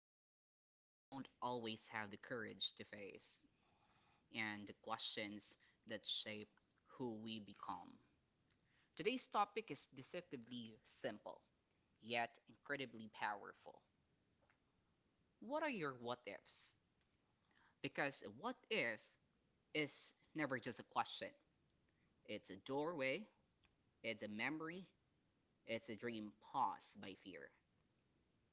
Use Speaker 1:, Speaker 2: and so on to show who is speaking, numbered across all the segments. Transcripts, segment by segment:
Speaker 1: thoughts we don't always have the courage to face and the questions that shape who we become. Today's topic is deceptively simple, yet incredibly powerful. What are your what ifs? Because a what if is never just a question, it's a doorway, it's a memory, it's a dream paused by fear.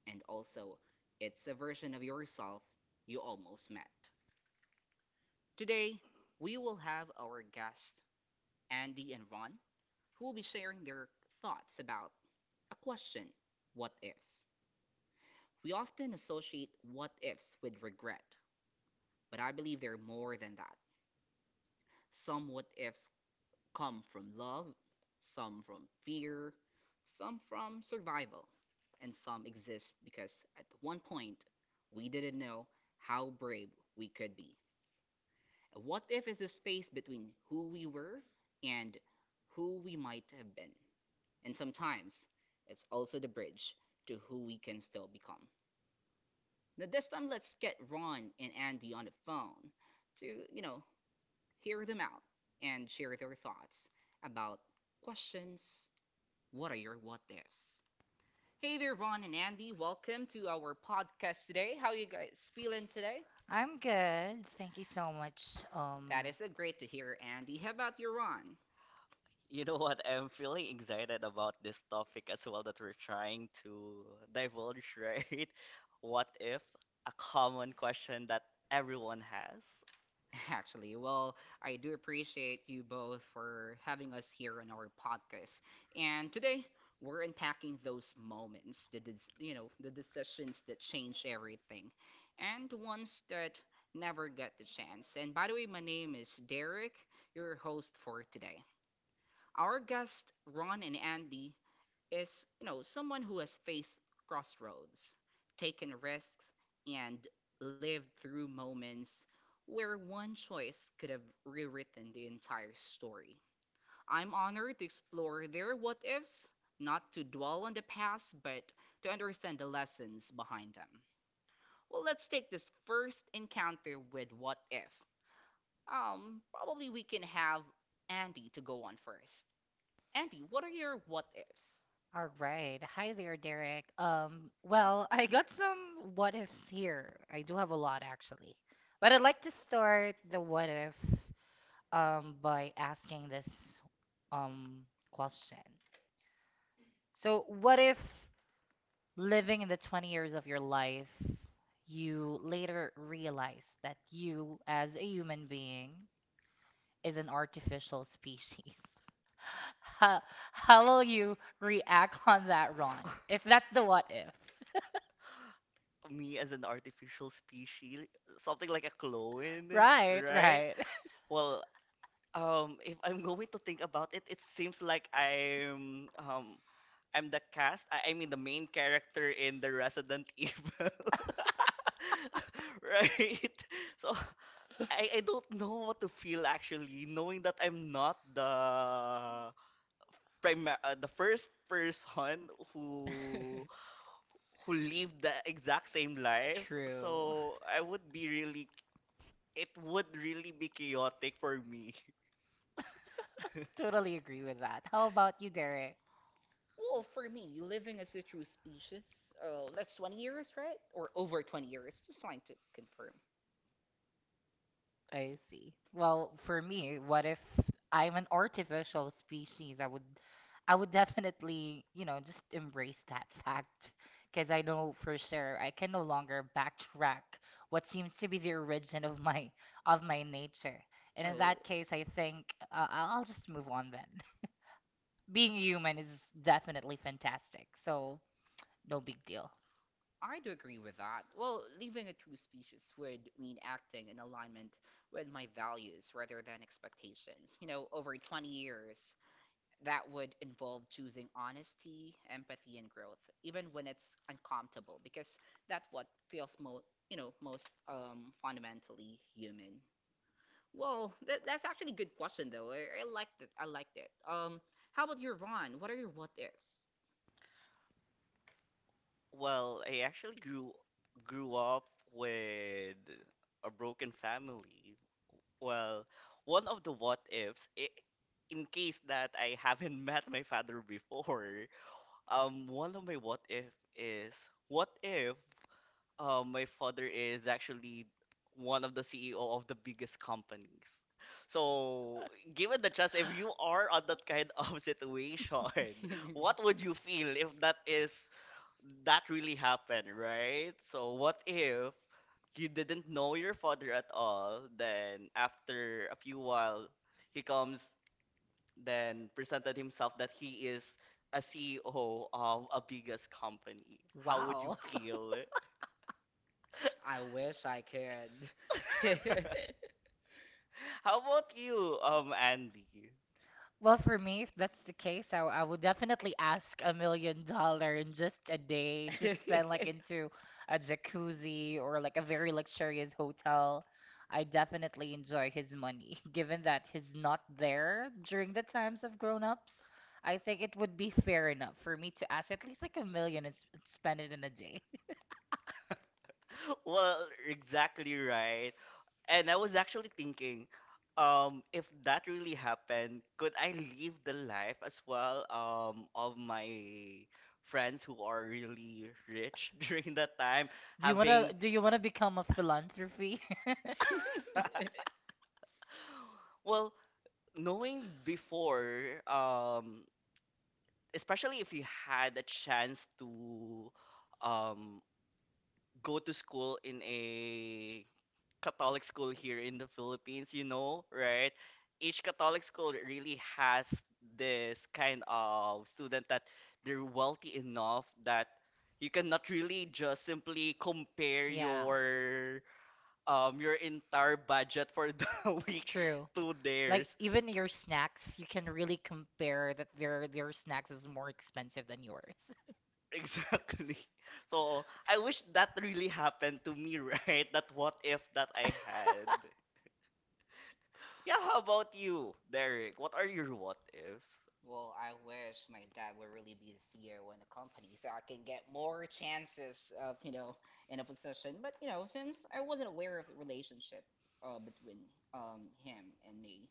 Speaker 1: And also it's a version of yourself you almost met. Today, we will have our guests, Andy and Ron, who will be sharing their thoughts about a question, what ifs. We often associate what ifs with regret, but I believe they're more than that. Some what ifs come from love, some from fear, some from survival, and some exist because at one point we didn't know how brave we could be. What if is the space between who we were and who we might have been? And sometimes it's also the bridge to who we can still become. Now this time let's get Ron and Andy on the phone to, you know, hear them out and share their thoughts about questions. What are your what ifs? Hey there, Ron and Andy. Welcome to our podcast today. How are you guys feeling today?
Speaker 2: I'm good. Thank you so much. Um,
Speaker 1: That is a great to hear, Andy. How about you, Ron?
Speaker 3: You know what? I'm feeling excited about this topic as well that we're trying to divulge, right? What if a common question that everyone has,
Speaker 1: Actually, well, I do appreciate you both for having us here on our podcast. And today, we're unpacking those moments, the decisions that change everything, and the ones that never get the chance. And by the way, my name is Derek, your host for today. Our guests, Ron and Andy, is, someone who has faced crossroads, taken risks, and lived through moments where one choice could have rewritten the entire story. I'm honored to explore their what ifs, not to dwell on the past, but to understand the lessons behind them. Well, let's take this first encounter with what if. Probably we can have Andy to go on first. Andy, what are your what ifs?
Speaker 2: all right. Hi there, Derek. Well, I got some what ifs here. I do have a lot actually. But I'd like to start the what if by asking this um question. So, what if living in the 20 years of your life, you later realize that you as a human being is an artificial species? How how will you react on that, Ron? If that's the what if.
Speaker 3: me as an artificial species, something like a clone,
Speaker 2: Right,
Speaker 3: right?
Speaker 2: right.
Speaker 3: Well, if I'm going to think about it, it seems like I'm the cast, I mean the main character in the Resident Evil, right? So, I don't know what to feel actually, knowing that I'm not the the first person who lived the exact same life.
Speaker 2: True.
Speaker 3: So I would be really it would really be chaotic for me.
Speaker 2: Totally agree with that. How about you, Derek?
Speaker 1: Well, for me, living as a true species, oh, that's 20 years, right? Or over 20 years. Just trying to confirm.
Speaker 2: I see. Well, for me, what if I'm an artificial species? I would definitely, you know, just embrace that fact because I know for sure I can no longer backtrack what seems to be the origin of my nature. And in
Speaker 1: Oh.
Speaker 2: that case, I think I'll just move on then. Being human is definitely fantastic, so no big deal.
Speaker 1: I do agree with that. Well, leaving a true species would mean acting in alignment with my values rather than expectations. Over 20 years, that would involve choosing honesty, empathy, and growth, even when it's uncomfortable, because that's what feels most fundamentally human. Well, that's actually a good question though. I liked it. I liked it. How about your Ron? What are your what ifs?
Speaker 3: Well, I actually grew up with a broken family. Well, one of the what ifs, I in case that I haven't met my father before, one of my what if is, what if my father is actually one of the CEO of the biggest companies. So, given the chance, if you are on that kind of situation, what would you feel if that is that really happened, right? So, what if you didn't know your father at all, then after a few while he comes then presented himself that he is a CEO of a biggest company. How would you
Speaker 2: Wow.
Speaker 3: feel?
Speaker 1: I wish I could.
Speaker 3: How about you, Andy?
Speaker 2: Well, for me, if that's the case, I would definitely ask $1 million in just a day to spend like into a jacuzzi or like a very luxurious hotel. I definitely enjoy his money, given that he's not there during the times of grown-ups. I think it would be fair enough for me to ask at least like a million and spend it in a day.
Speaker 3: Well, exactly right. And I was actually thinking, if that really happened, could I live the life as well, of my friends who are really rich during that time,
Speaker 2: Do you wanna
Speaker 3: having
Speaker 2: do you wanna become a philanthropy?
Speaker 3: well, knowing before, especially if you had a chance to um, go to school in a Catholic school here in the Philippines, you know, right? Each Catholic school really has this kind of student that they're wealthy enough that you cannot really just simply compare
Speaker 2: Yeah.
Speaker 3: your entire budget for the week
Speaker 2: True.
Speaker 3: to
Speaker 2: Like
Speaker 3: theirs.
Speaker 2: even your snacks, you can really compare that their snacks is more expensive than yours.
Speaker 3: Exactly. So I wish that really happened to me, right? That what if that I had. Yeah, how about you, Derek? What are your what ifs?
Speaker 1: Well, I wish my dad would really be the CEO in the company so I can get more chances of, in a position. But, since I wasn't aware of the relationship between him and me,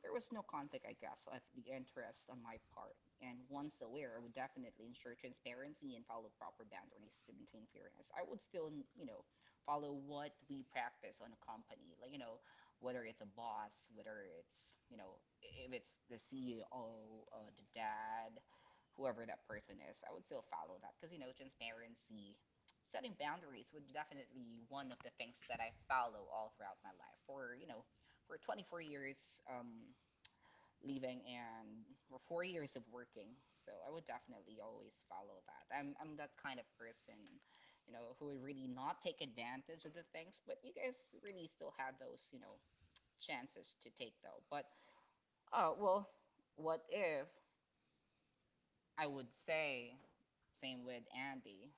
Speaker 1: there was no conflict, I guess, of the interest on my part. And once aware, I would definitely ensure transparency and follow proper boundaries to maintain fairness. I would still, follow what we practice on a company. Like, whether it's a boss, whether it's, if it's the CEO, the dad, whoever that person is, I would still follow that because, transparency, setting boundaries would definitely one of the things that I follow all throughout my life. For 24 years, leaving and for 4 years of working. So I would definitely always follow that. I'm that kind of person, who would really not take advantage of the things, but you guys really still have those, chances to take though. But well, what if I would say same with Andy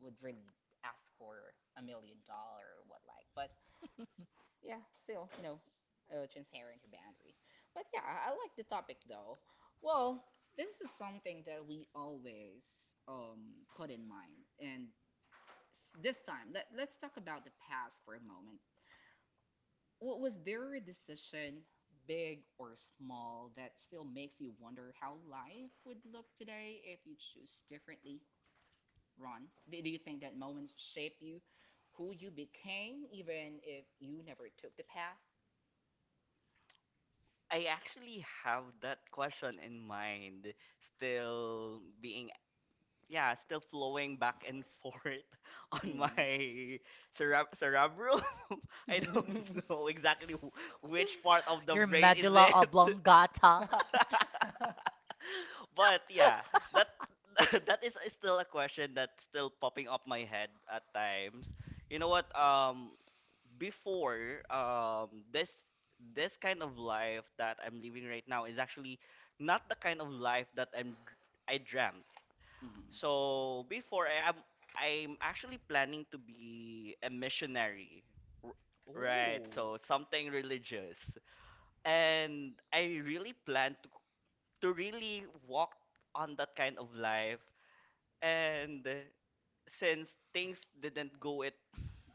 Speaker 1: would really ask for $1 million or what like. But yeah, still transparent your boundary. But yeah, I like the topic though. Well, this is something that we always put in mind and. This time, let's talk about the past for a moment. What was their decision, big or small, that still makes you wonder how life would look today if you choose differently, Ron? Do you think that moments shape you, who you became, even if you never took the path?
Speaker 3: I actually have that question in mind, still being, yeah, still flowing back and forth on
Speaker 1: Mm.
Speaker 3: my cerebrum. I
Speaker 1: Mhm.
Speaker 3: don't know
Speaker 1: Ooh,
Speaker 3: exactly which part of the
Speaker 2: Your
Speaker 3: brain is
Speaker 2: medulla
Speaker 3: it.
Speaker 2: oblongata.
Speaker 1: I have.
Speaker 3: But yeah, that that is still a question that's still popping up my head at times. You know what? Before this kind of life that I'm living right now is actually not the kind of life that I dreamt. So
Speaker 1: I'm
Speaker 3: before
Speaker 1: actually
Speaker 3: I'm actually planning to be a missionary. R-
Speaker 1: I.
Speaker 3: Right,
Speaker 1: Oh,
Speaker 3: so
Speaker 1: know something
Speaker 3: something religious.
Speaker 1: religious.
Speaker 3: And I really plan to really walk on that kind of life, and since things didn't go it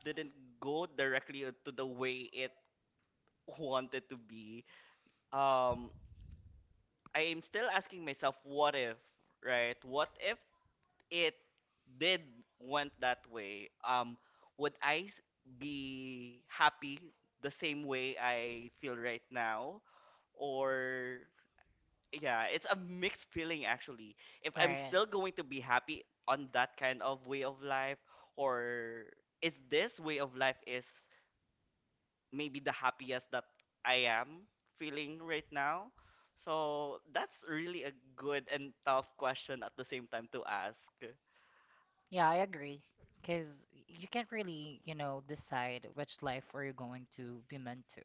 Speaker 3: didn't go directly to the way it wanted to be, um I am still asking myself what if, right? What if it did went that way, would I be happy the same way I feel right now? Or yeah, it's a mixed feeling actually. If I'm
Speaker 2: Right.
Speaker 3: still going to be happy on that kind of way of life, or is this way of life is maybe the happiest that I am feeling right now? So that's really a good and tough question at the same time to ask.
Speaker 2: Yeah, I agree. Because you can't really, you know, decide which life are you going to be meant to.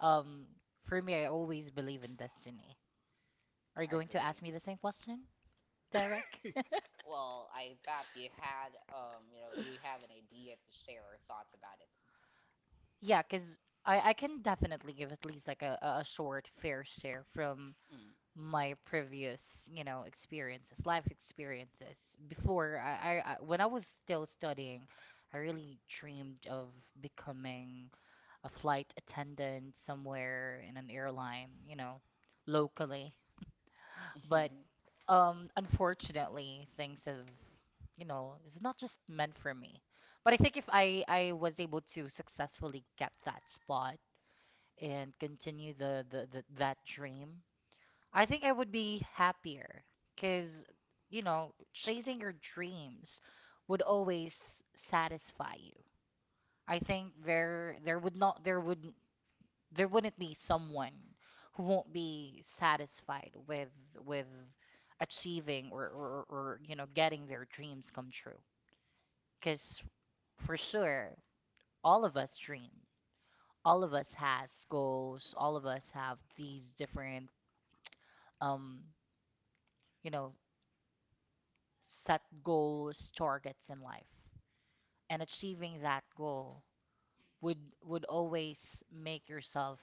Speaker 2: Um, for me, I always believe in destiny. Are you
Speaker 1: I
Speaker 2: going to ask
Speaker 1: agree.
Speaker 2: me the same question, Derek?
Speaker 1: Well, I bet you had, you have an idea to share your thoughts about it.
Speaker 2: Yeah, because I can definitely give at least like a short fair share from my previous, you know, experiences, life experiences. Before I when I was still studying, I really dreamed of becoming a flight attendant somewhere in an airline, you know, locally.
Speaker 1: Mm.
Speaker 2: But unfortunately, things have, you know, it's not just meant for me. But I think if I was able to successfully get that spot and continue the that dream. I think I would be happier because, you know, chasing your dreams would always satisfy you. I think there would there wouldn't be someone who won't be satisfied with with achieving or you know getting their dreams come true. Because for sure, all of us dream. All of us has goals. All of us have these different um you know set goals, targets in life, and achieving that goal would would always make yourself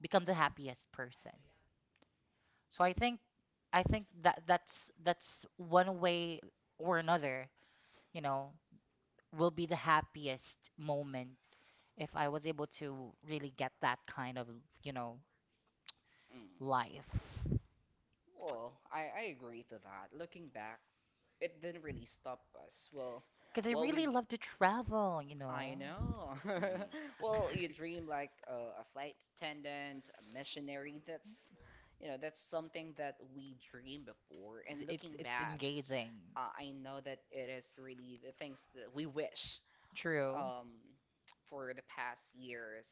Speaker 2: become the happiest person. So I think that that's one way or another, you know, will be the happiest moment if I was able to really get that kind of, you know,
Speaker 1: Mm.
Speaker 2: life.
Speaker 1: Well, I agree to that. Looking back, it didn't really stop us. Well,
Speaker 2: Because I
Speaker 1: what we
Speaker 2: really love to travel, you
Speaker 1: I
Speaker 2: know.
Speaker 1: know.
Speaker 3: Mhm.
Speaker 1: Well, you dream like a flight attendant, a missionary. That's something that we dream before. And
Speaker 2: It's
Speaker 1: looking
Speaker 2: it's
Speaker 1: back,
Speaker 2: engaging.
Speaker 1: I know that it is really the things that we wish
Speaker 2: True.
Speaker 1: um, for the past years.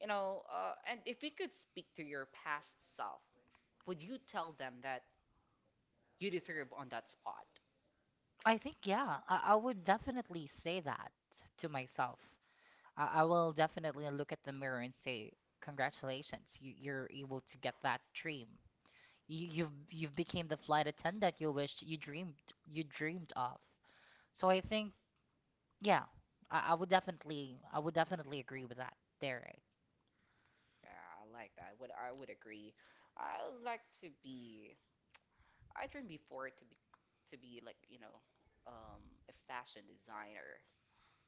Speaker 1: And if you could speak to your past self, would you tell them that you deserve on that spot?
Speaker 2: I think, yeah, I would definitely say that to myself. I will definitely look at the mirror and say, "Congratulations, you're able to get that dream. You've became the flight attendant you wished you dreamed of." So I
Speaker 1: Or-
Speaker 2: think, yeah, I would definitely I would definitely agree with that, Derek.
Speaker 1: Yeah, I like that. Would I would agree. I like to be. I dream before to be like a fashion designer,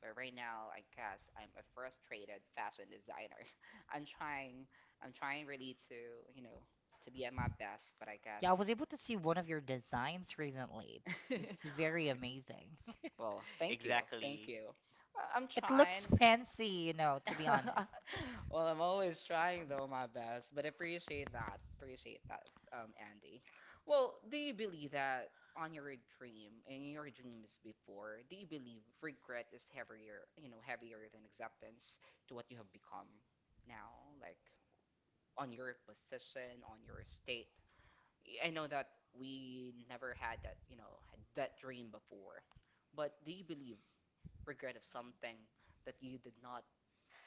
Speaker 1: but right now I guess I'm a frustrated fashion designer. I'm trying. I'm trying really to you know to be at my best, but I guess.
Speaker 2: Yeah, I was able to see one of your designs recently. It's very amazing.
Speaker 1: Well, thank you. Thank
Speaker 3: Exactly.
Speaker 1: you. I'm
Speaker 2: It looks
Speaker 1: trying.
Speaker 2: fancy, you know, to be honest.
Speaker 1: Well, I'm always trying though my best, but appreciate that. Appreciate that, Andy. Well, do you believe that on your dream and your dreams before, do you believe regret is heavier than acceptance to what you have become now, like on your position, on your state? I know that we never had that dream before, but do you believe regret of something that you did not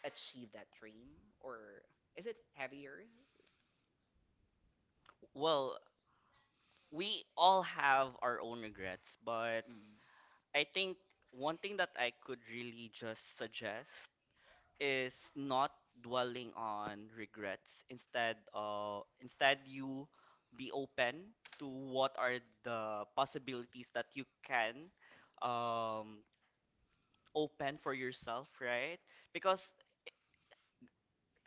Speaker 1: achieve that dream? Or is it heavier?
Speaker 3: Well, we all have our own regrets, but
Speaker 1: Mm,
Speaker 3: I think one thing that I could really just suggest is not dwelling on regrets. Instead, instead you be open to what are the possibilities that you can, um, open for yourself, right? Because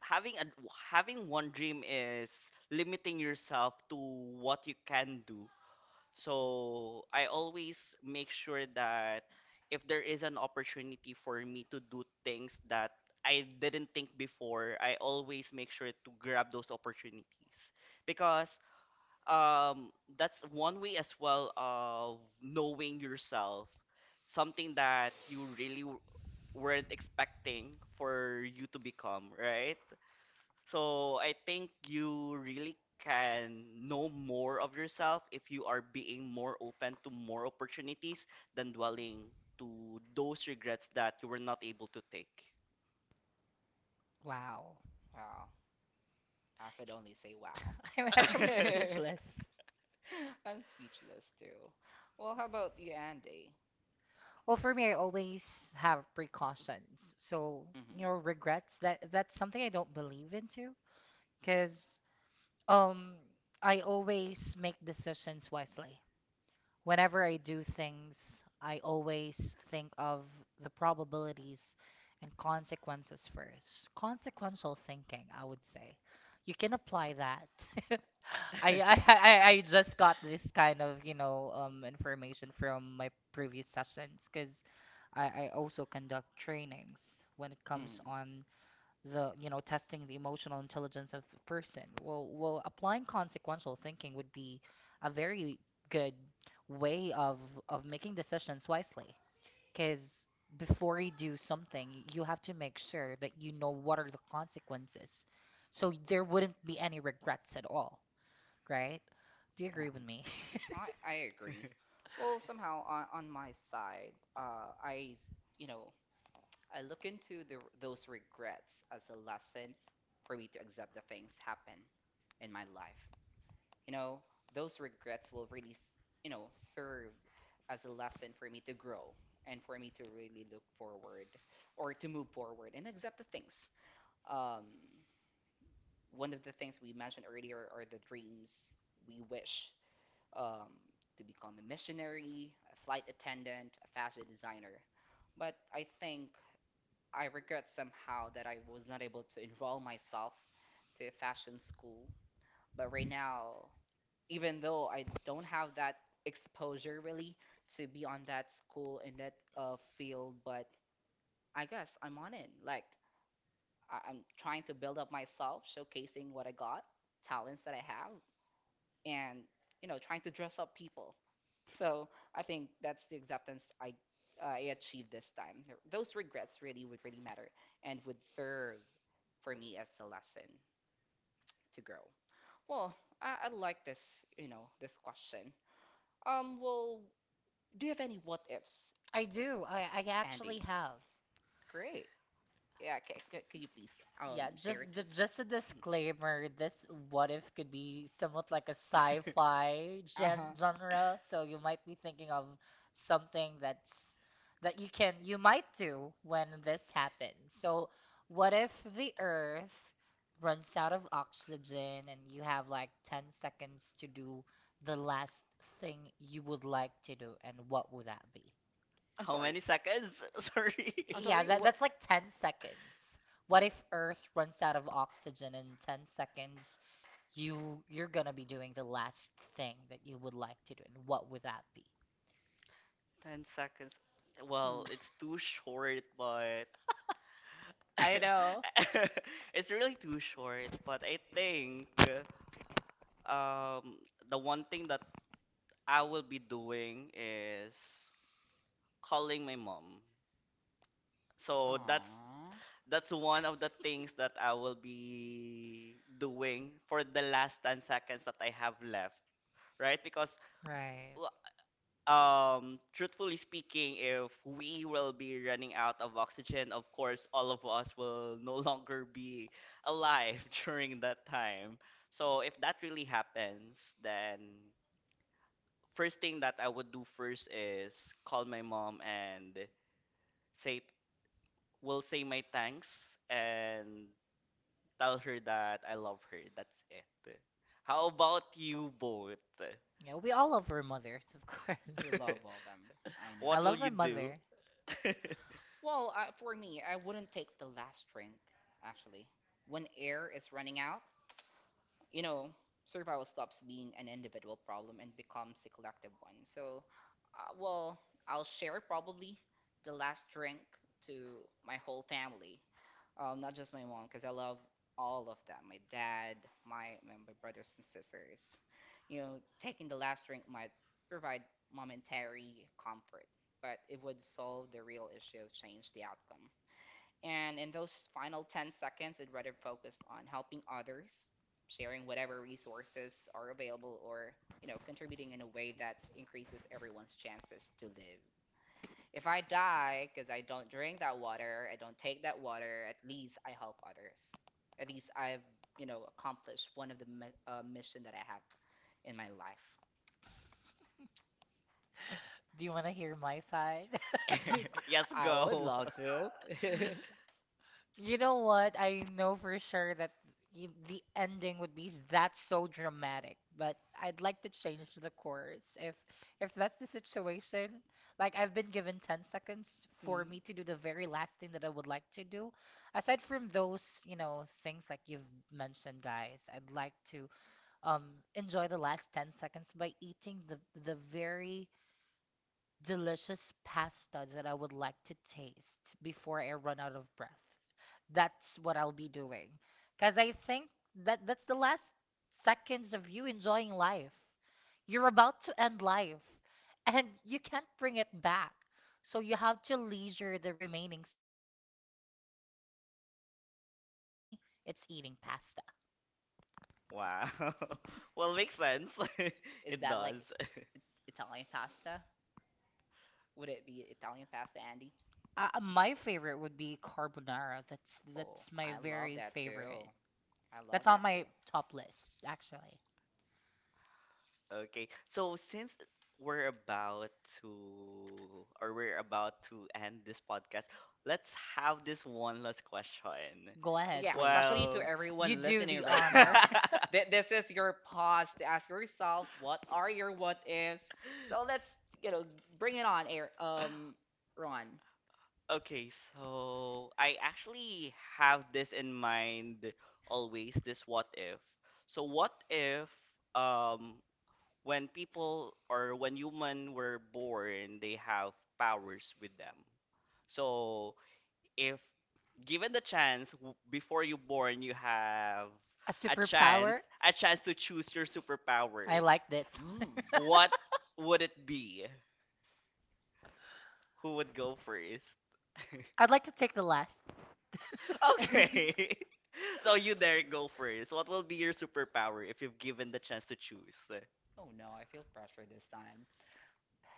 Speaker 3: having a having one dream is limiting yourself to what you can do. So I always make sure that if there is an opportunity for me to do things that I didn't think before, I always make sure to grab those opportunities because, um, that's one way as well of knowing yourself, something that you really weren't expecting for you to become, right? So I think you really can know more of yourself if you are being more open to more opportunities than dwelling to those regrets that you were not able to take.
Speaker 2: Wow.
Speaker 1: wow. I could only say wow.
Speaker 2: I'm actually speechless.
Speaker 1: I'm speechless too. Well, how about you, Andy?
Speaker 2: Well, for me, I always have precautions. So,
Speaker 1: Mm-hmm.
Speaker 2: you know, regrets that that's something I don't believe into because um I always make decisions wisely whenever I do things, I always think of the probabilities and consequences first. Consequential thinking, I would say. You can apply that. I just got this kind of, you know, information from my previous sessions because I also conduct trainings when it
Speaker 1: Mm.
Speaker 2: comes on the you know testing the emotional intelligence of the person well well applying consequential thinking would be a very good way of making decisions wisely because before you do something you have to make sure that you know what are the consequences so there wouldn't be any regrets at all right do you
Speaker 1: Yeah,
Speaker 2: agree with
Speaker 3: Mhm.
Speaker 2: me
Speaker 1: I agree. Well, somehow on my side, you know, I look into those regrets as a lesson for me to accept the things happen in my life. You know, those regrets will really, you know, serve as a lesson for me to grow and for me to really look forward or to move forward and accept the things. Um, One of the things we mentioned earlier are the dreams we wish um, to become a missionary, a flight attendant, a fashion designer. But I think I regret somehow that I was not able to enroll myself to a fashion school. But right now, even though I don't have that exposure really to be on that school in that field, but I guess I'm on it. Like I'm trying to build up myself, showcasing what I got, talents that I have, and trying to dress up people. So I think that's the acceptance I achieved this time. Those regrets really would really matter and would serve for me as a lesson to grow. Well, I like this question. Well, do you have any what ifs,
Speaker 2: I do. I actually
Speaker 1: Andy?
Speaker 2: have.
Speaker 1: Great. Yeah, okay. Could you please
Speaker 2: Yeah, just
Speaker 1: share it to us?
Speaker 2: just a disclaimer, this what if could be somewhat like a sci-fi
Speaker 1: Uh huh.
Speaker 2: genre, so you might be thinking of something that's that you can you might do when this happens. So, what if the Earth runs out of oxygen and you have like 10 seconds to do the last thing you would like to do, and what would that be?
Speaker 1: I'm
Speaker 3: How
Speaker 1: sorry.
Speaker 3: many seconds? Sorry.
Speaker 1: I'm
Speaker 2: Yeah,
Speaker 1: sorry.
Speaker 2: that,
Speaker 1: What?
Speaker 2: that's like 10 seconds. What if Earth runs out of oxygen in 10 seconds? You you're gonna be doing the last thing that you would like to do, and what would that be?
Speaker 3: 10 seconds. Well,
Speaker 1: Hmm.
Speaker 3: it's too short, but
Speaker 2: I know.
Speaker 3: it's really too short, but I think, um the one thing that I will be doing is calling my mom. So
Speaker 1: Aw,
Speaker 3: that's one of the things that I will be doing for the last 10 seconds that I have left, right? Because
Speaker 2: Right.
Speaker 3: w- truthfully speaking, if we will be running out of oxygen, of course all of us will no longer be alive during that time. So if that really happens, then first thing that I would do first is call my mom and say will say my thanks and tell her that I love her. That's it. How about you both?
Speaker 2: Yeah, we all love our mothers, of course.
Speaker 1: we love all them. I
Speaker 2: I
Speaker 3: What
Speaker 1: know.
Speaker 3: will
Speaker 2: love my
Speaker 3: you do?
Speaker 2: mother.
Speaker 1: Well, for me, I wouldn't take the last drink, actually. When air is running out, you know, survival stops being an individual problem and becomes a collective one. So, well, I'll share probably the last drink to my whole family, not just my mom, because I love all of them. My dad, my brothers and sisters. You know, taking the last drink might provide momentary comfort, but it would solve the real issue, change the outcome. And in those final 10 seconds, I'd rather focus on helping others, sharing whatever resources are available, or, contributing in a way that increases everyone's chances to live. If I die because I don't drink that water, I don't take that water, at least I help others. At least I've, accomplished one of the mi mission that I have in my life.
Speaker 2: Do you wanna hear my side?
Speaker 3: Yes,
Speaker 1: I would
Speaker 3: go.
Speaker 1: love to.
Speaker 2: You know what? I know for sure that the ending would be that's so dramatic, but I'd like to change the chorus if that's the situation. Like I've been given 10 seconds for
Speaker 1: Mm.
Speaker 2: me to do the very last thing that I would like to do. Aside from those, you know, things like you've mentioned, guys, I'd like to enjoy the last 10 seconds by eating the very delicious pasta that I would like to taste before I run out of breath. That's what I'll be doing. Because I think that that's the last seconds of you enjoying life. You're about to end life and you can't bring it back. So you have to leisure the remaining seconds for you to do the very last thing that you would like to do. And for me, it's eating pasta.
Speaker 3: Wow. Well, makes sense.
Speaker 1: Is
Speaker 3: It
Speaker 1: that like
Speaker 3: does.
Speaker 1: Italian pasta? Would it be Italian pasta, Andy?
Speaker 2: My favorite would be carbonara. That's
Speaker 1: Oh,
Speaker 2: that's my
Speaker 1: I love
Speaker 2: very
Speaker 1: that too.
Speaker 2: favorite.
Speaker 1: I love
Speaker 2: That's on
Speaker 1: that
Speaker 2: my top list, actually.
Speaker 3: Okay. So since we're about to or we're about to end this podcast, let's have this one last question.
Speaker 2: Go
Speaker 1: too.
Speaker 2: ahead,
Speaker 1: Yeah,
Speaker 2: please.
Speaker 1: especially
Speaker 3: Well,
Speaker 1: to
Speaker 2: You
Speaker 1: everyone
Speaker 2: do
Speaker 1: listening
Speaker 2: the
Speaker 1: right
Speaker 2: honor.
Speaker 1: now. This is your pause to ask yourself what are your what ifs. So let's, you know, bring it on, Air. Ron.
Speaker 3: okay, so I actually have this in mind always, this what if. So what if um when people or when human were born, they have powers with them. So if given the chance before you born, you have
Speaker 2: A
Speaker 3: a chance,
Speaker 2: superpower?
Speaker 3: a chance to choose your
Speaker 2: I
Speaker 3: superpower.
Speaker 2: like this.
Speaker 1: Mm.
Speaker 3: What would it be? Who would go first?
Speaker 2: I'd like to take the last
Speaker 3: Okay. So you there go first. What will be your superpower if you've given the chance to choose?
Speaker 1: oh no, I feel pressure this time.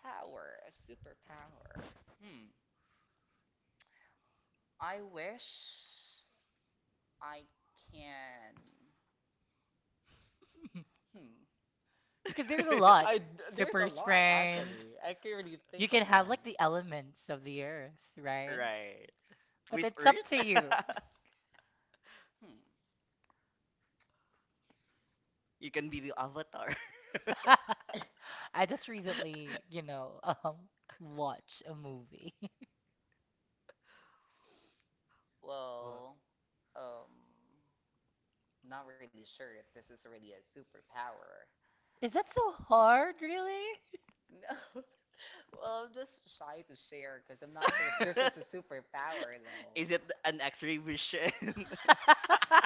Speaker 1: Power, a superpower. Hmm. I wish I can. Hmm.
Speaker 2: because there's a lot.
Speaker 1: I there's a
Speaker 2: Super
Speaker 1: lot
Speaker 2: strength.
Speaker 1: actually. I can't really
Speaker 2: You
Speaker 1: think of
Speaker 2: can have
Speaker 1: one.
Speaker 2: like the elements of the earth, right?
Speaker 3: Right.
Speaker 2: But
Speaker 3: With
Speaker 2: it's up to
Speaker 3: Earth,
Speaker 2: you.
Speaker 1: Hmm.
Speaker 3: you can be the avatar.
Speaker 2: I just recently, you know, watch a movie.
Speaker 3: Wha-
Speaker 1: Well, um, not really sure if this is really a superpower.
Speaker 2: Is that so hard, really?
Speaker 1: No. Well, I'm just shy to share because I'm not sure if this is a superpower though.
Speaker 3: is it an X-ray vision?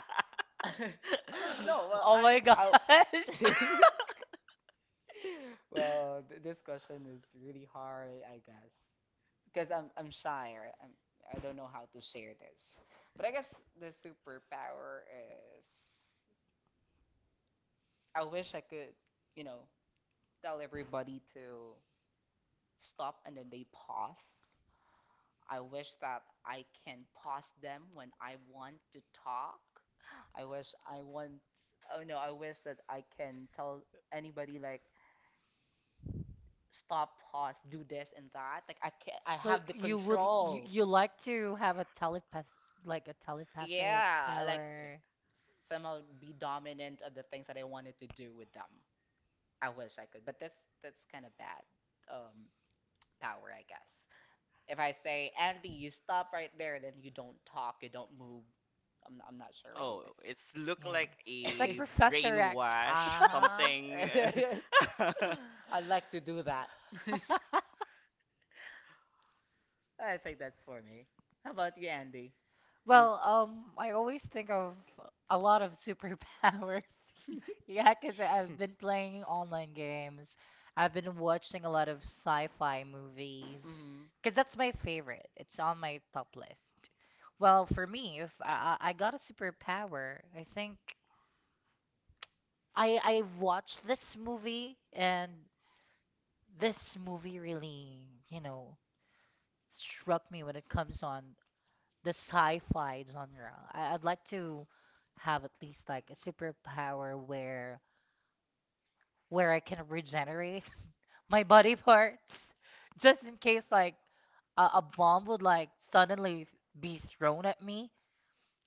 Speaker 3: Yeah.
Speaker 1: No, well,
Speaker 2: Oh my god.
Speaker 1: well, this question is really hard, I guess. Because I'm shy or I don't know how to share this. But I guess the superpower is I wish I could, you know, tell everybody to stop and then they pause. I wish that I can pause them when I want to talk. I wish I want. Oh no, I wish that I can tell anybody like stop, pause, do this and that. Like I
Speaker 2: So
Speaker 1: have the
Speaker 2: you would you,
Speaker 1: control.
Speaker 2: you like to have a telepath like a telepathic
Speaker 1: Yeah, like
Speaker 2: power.
Speaker 1: somehow be dominant of the things that I wanted to do with them. I wish I could, but that's kind of bad um power, I guess. If I say, Andy, you stop right there, then you don't talk, you don't move. I'm not sure really,
Speaker 3: Oh,
Speaker 1: but
Speaker 3: it's look
Speaker 2: Yeah.
Speaker 3: like
Speaker 2: It's like
Speaker 3: a
Speaker 2: Professor X.
Speaker 3: brainwash something.
Speaker 1: Uh-huh. I'd like to do that. I think that's for me. How about you, Andy? You...
Speaker 2: Well, I always think of a lot of superpowers. Yeah, 'cause I've been playing online games. I've been watching a lot of sci-fi movies.
Speaker 1: Mhm.
Speaker 2: 'Cause that's my favorite. It's on my top list. Well, for me, if I got a superpower, I think I watched this movie and this movie really, you know, struck me when it comes on the sci-fi genre. I'd like to have at least like a superpower where I can regenerate my body parts just in case like a bomb would like suddenly be thrown at me.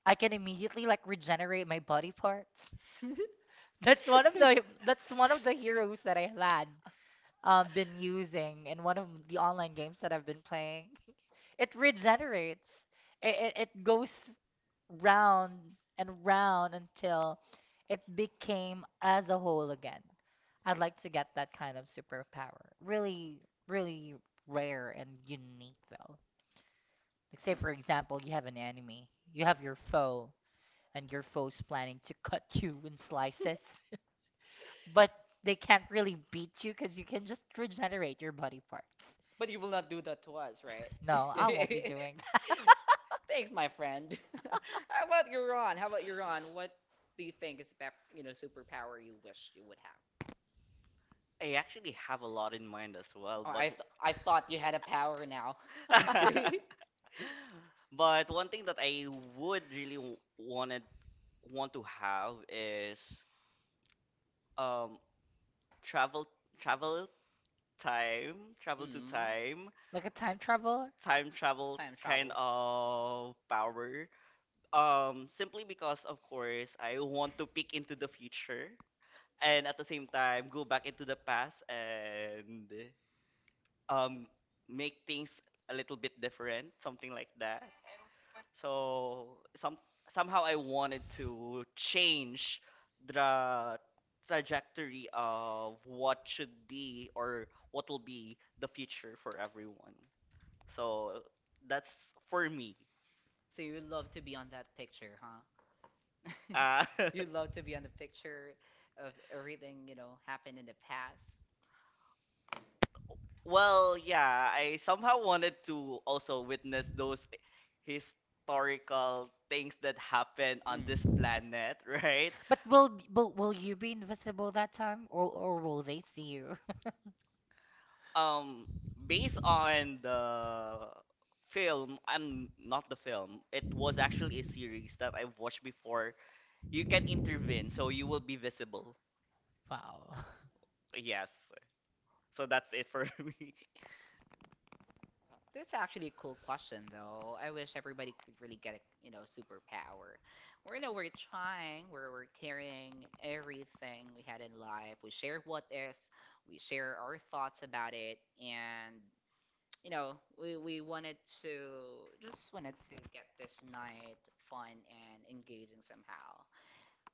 Speaker 2: I can immediately like regenerate my body parts. That's one of the heroes that I had been using in one of the online games that I've been playing. It regenerates. It goes round and round until it became as a whole again. I'd like to get that kind of superpower. Really, really rare and unique though. Like say
Speaker 1: Hmm.
Speaker 2: for example, you have an enemy, you have your foe, and your foe's planning to cut you in slices, but they can't really beat you because you can just regenerate your body parts.
Speaker 1: But you will not do that to us, right?
Speaker 2: No, I won't be doing
Speaker 1: Thanks, my friend. How about you, Ron? How about you, Ron? What do you think is the superpower you wish you would have?
Speaker 3: I actually have a lot in mind as well,
Speaker 1: Oh,
Speaker 3: but
Speaker 1: I thought you had a power now.
Speaker 2: that.
Speaker 3: but one thing that I would really want to have is um travel travel time travel to
Speaker 1: Mm.
Speaker 3: time
Speaker 2: Like a time traveler?
Speaker 3: time travel
Speaker 1: Time
Speaker 3: kind
Speaker 1: travel.
Speaker 3: of power. Simply because, of course, I want to peek into the future and at the same time go back into the past and, um make things a little bit different, something like that. So somehow I wanted to change the trajectory of what should be or what will be the future for everyone. So that's for me.
Speaker 1: So you would love to be on that picture, huh?
Speaker 3: Uh,
Speaker 1: You love to be on the picture of everything, happened in the past.
Speaker 3: well, yeah, I somehow wanted to also witness those historical things that happen on this
Speaker 1: Mm.
Speaker 3: planet, right?
Speaker 2: But will you be invisible that time, or will they see you?
Speaker 3: um based on the film, I'm not the film, it was actually a series that I've watched before, you can intervene, so you will be visible.
Speaker 2: Wow.
Speaker 3: Yes, so that's it for me.
Speaker 1: That's actually a cool question, though. I wish everybody could really get a, superpower. We're trying, we're carrying everything we had in life. We share what is, we share our thoughts about it, and you know, we wanted to just wanted to get this night fun and engaging somehow.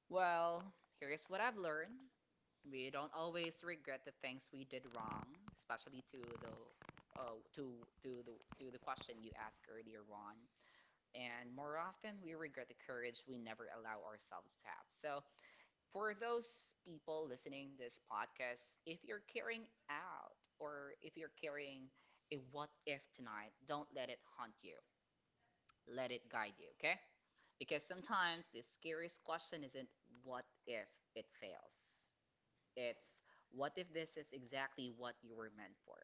Speaker 1: Well, here's what I've learned. We don't always regret the things we did wrong, especially uh, to to the question you asked earlier, Ron. And more often, we regret the courage we never allow ourselves to have. So for those people listening this podcast, if you're carrying out or if you're carrying a what if tonight, don't let it haunt you. Let it guide you, okay? Because sometimes the scariest question isn't what if it fails. It's what if this is exactly what you were meant for?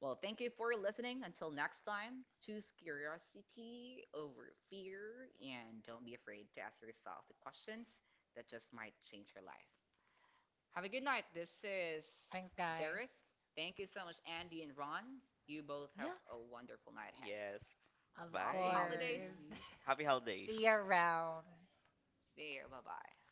Speaker 1: Well, thank you for listening. Until next time, choose curiosity over fear and don't be afraid to ask yourself the questions that just might change your life. Have a good night. This is
Speaker 2: Thanks.
Speaker 1: Derek. Thank you so much, Andy and Ron. You both have
Speaker 2: Yeah.
Speaker 1: a wonderful night ahead.
Speaker 3: Yes,
Speaker 1: Happy
Speaker 3: bye.
Speaker 2: Or
Speaker 1: holidays.
Speaker 2: is
Speaker 3: Happy holidays.
Speaker 2: See you around.
Speaker 1: See you. Bye bye.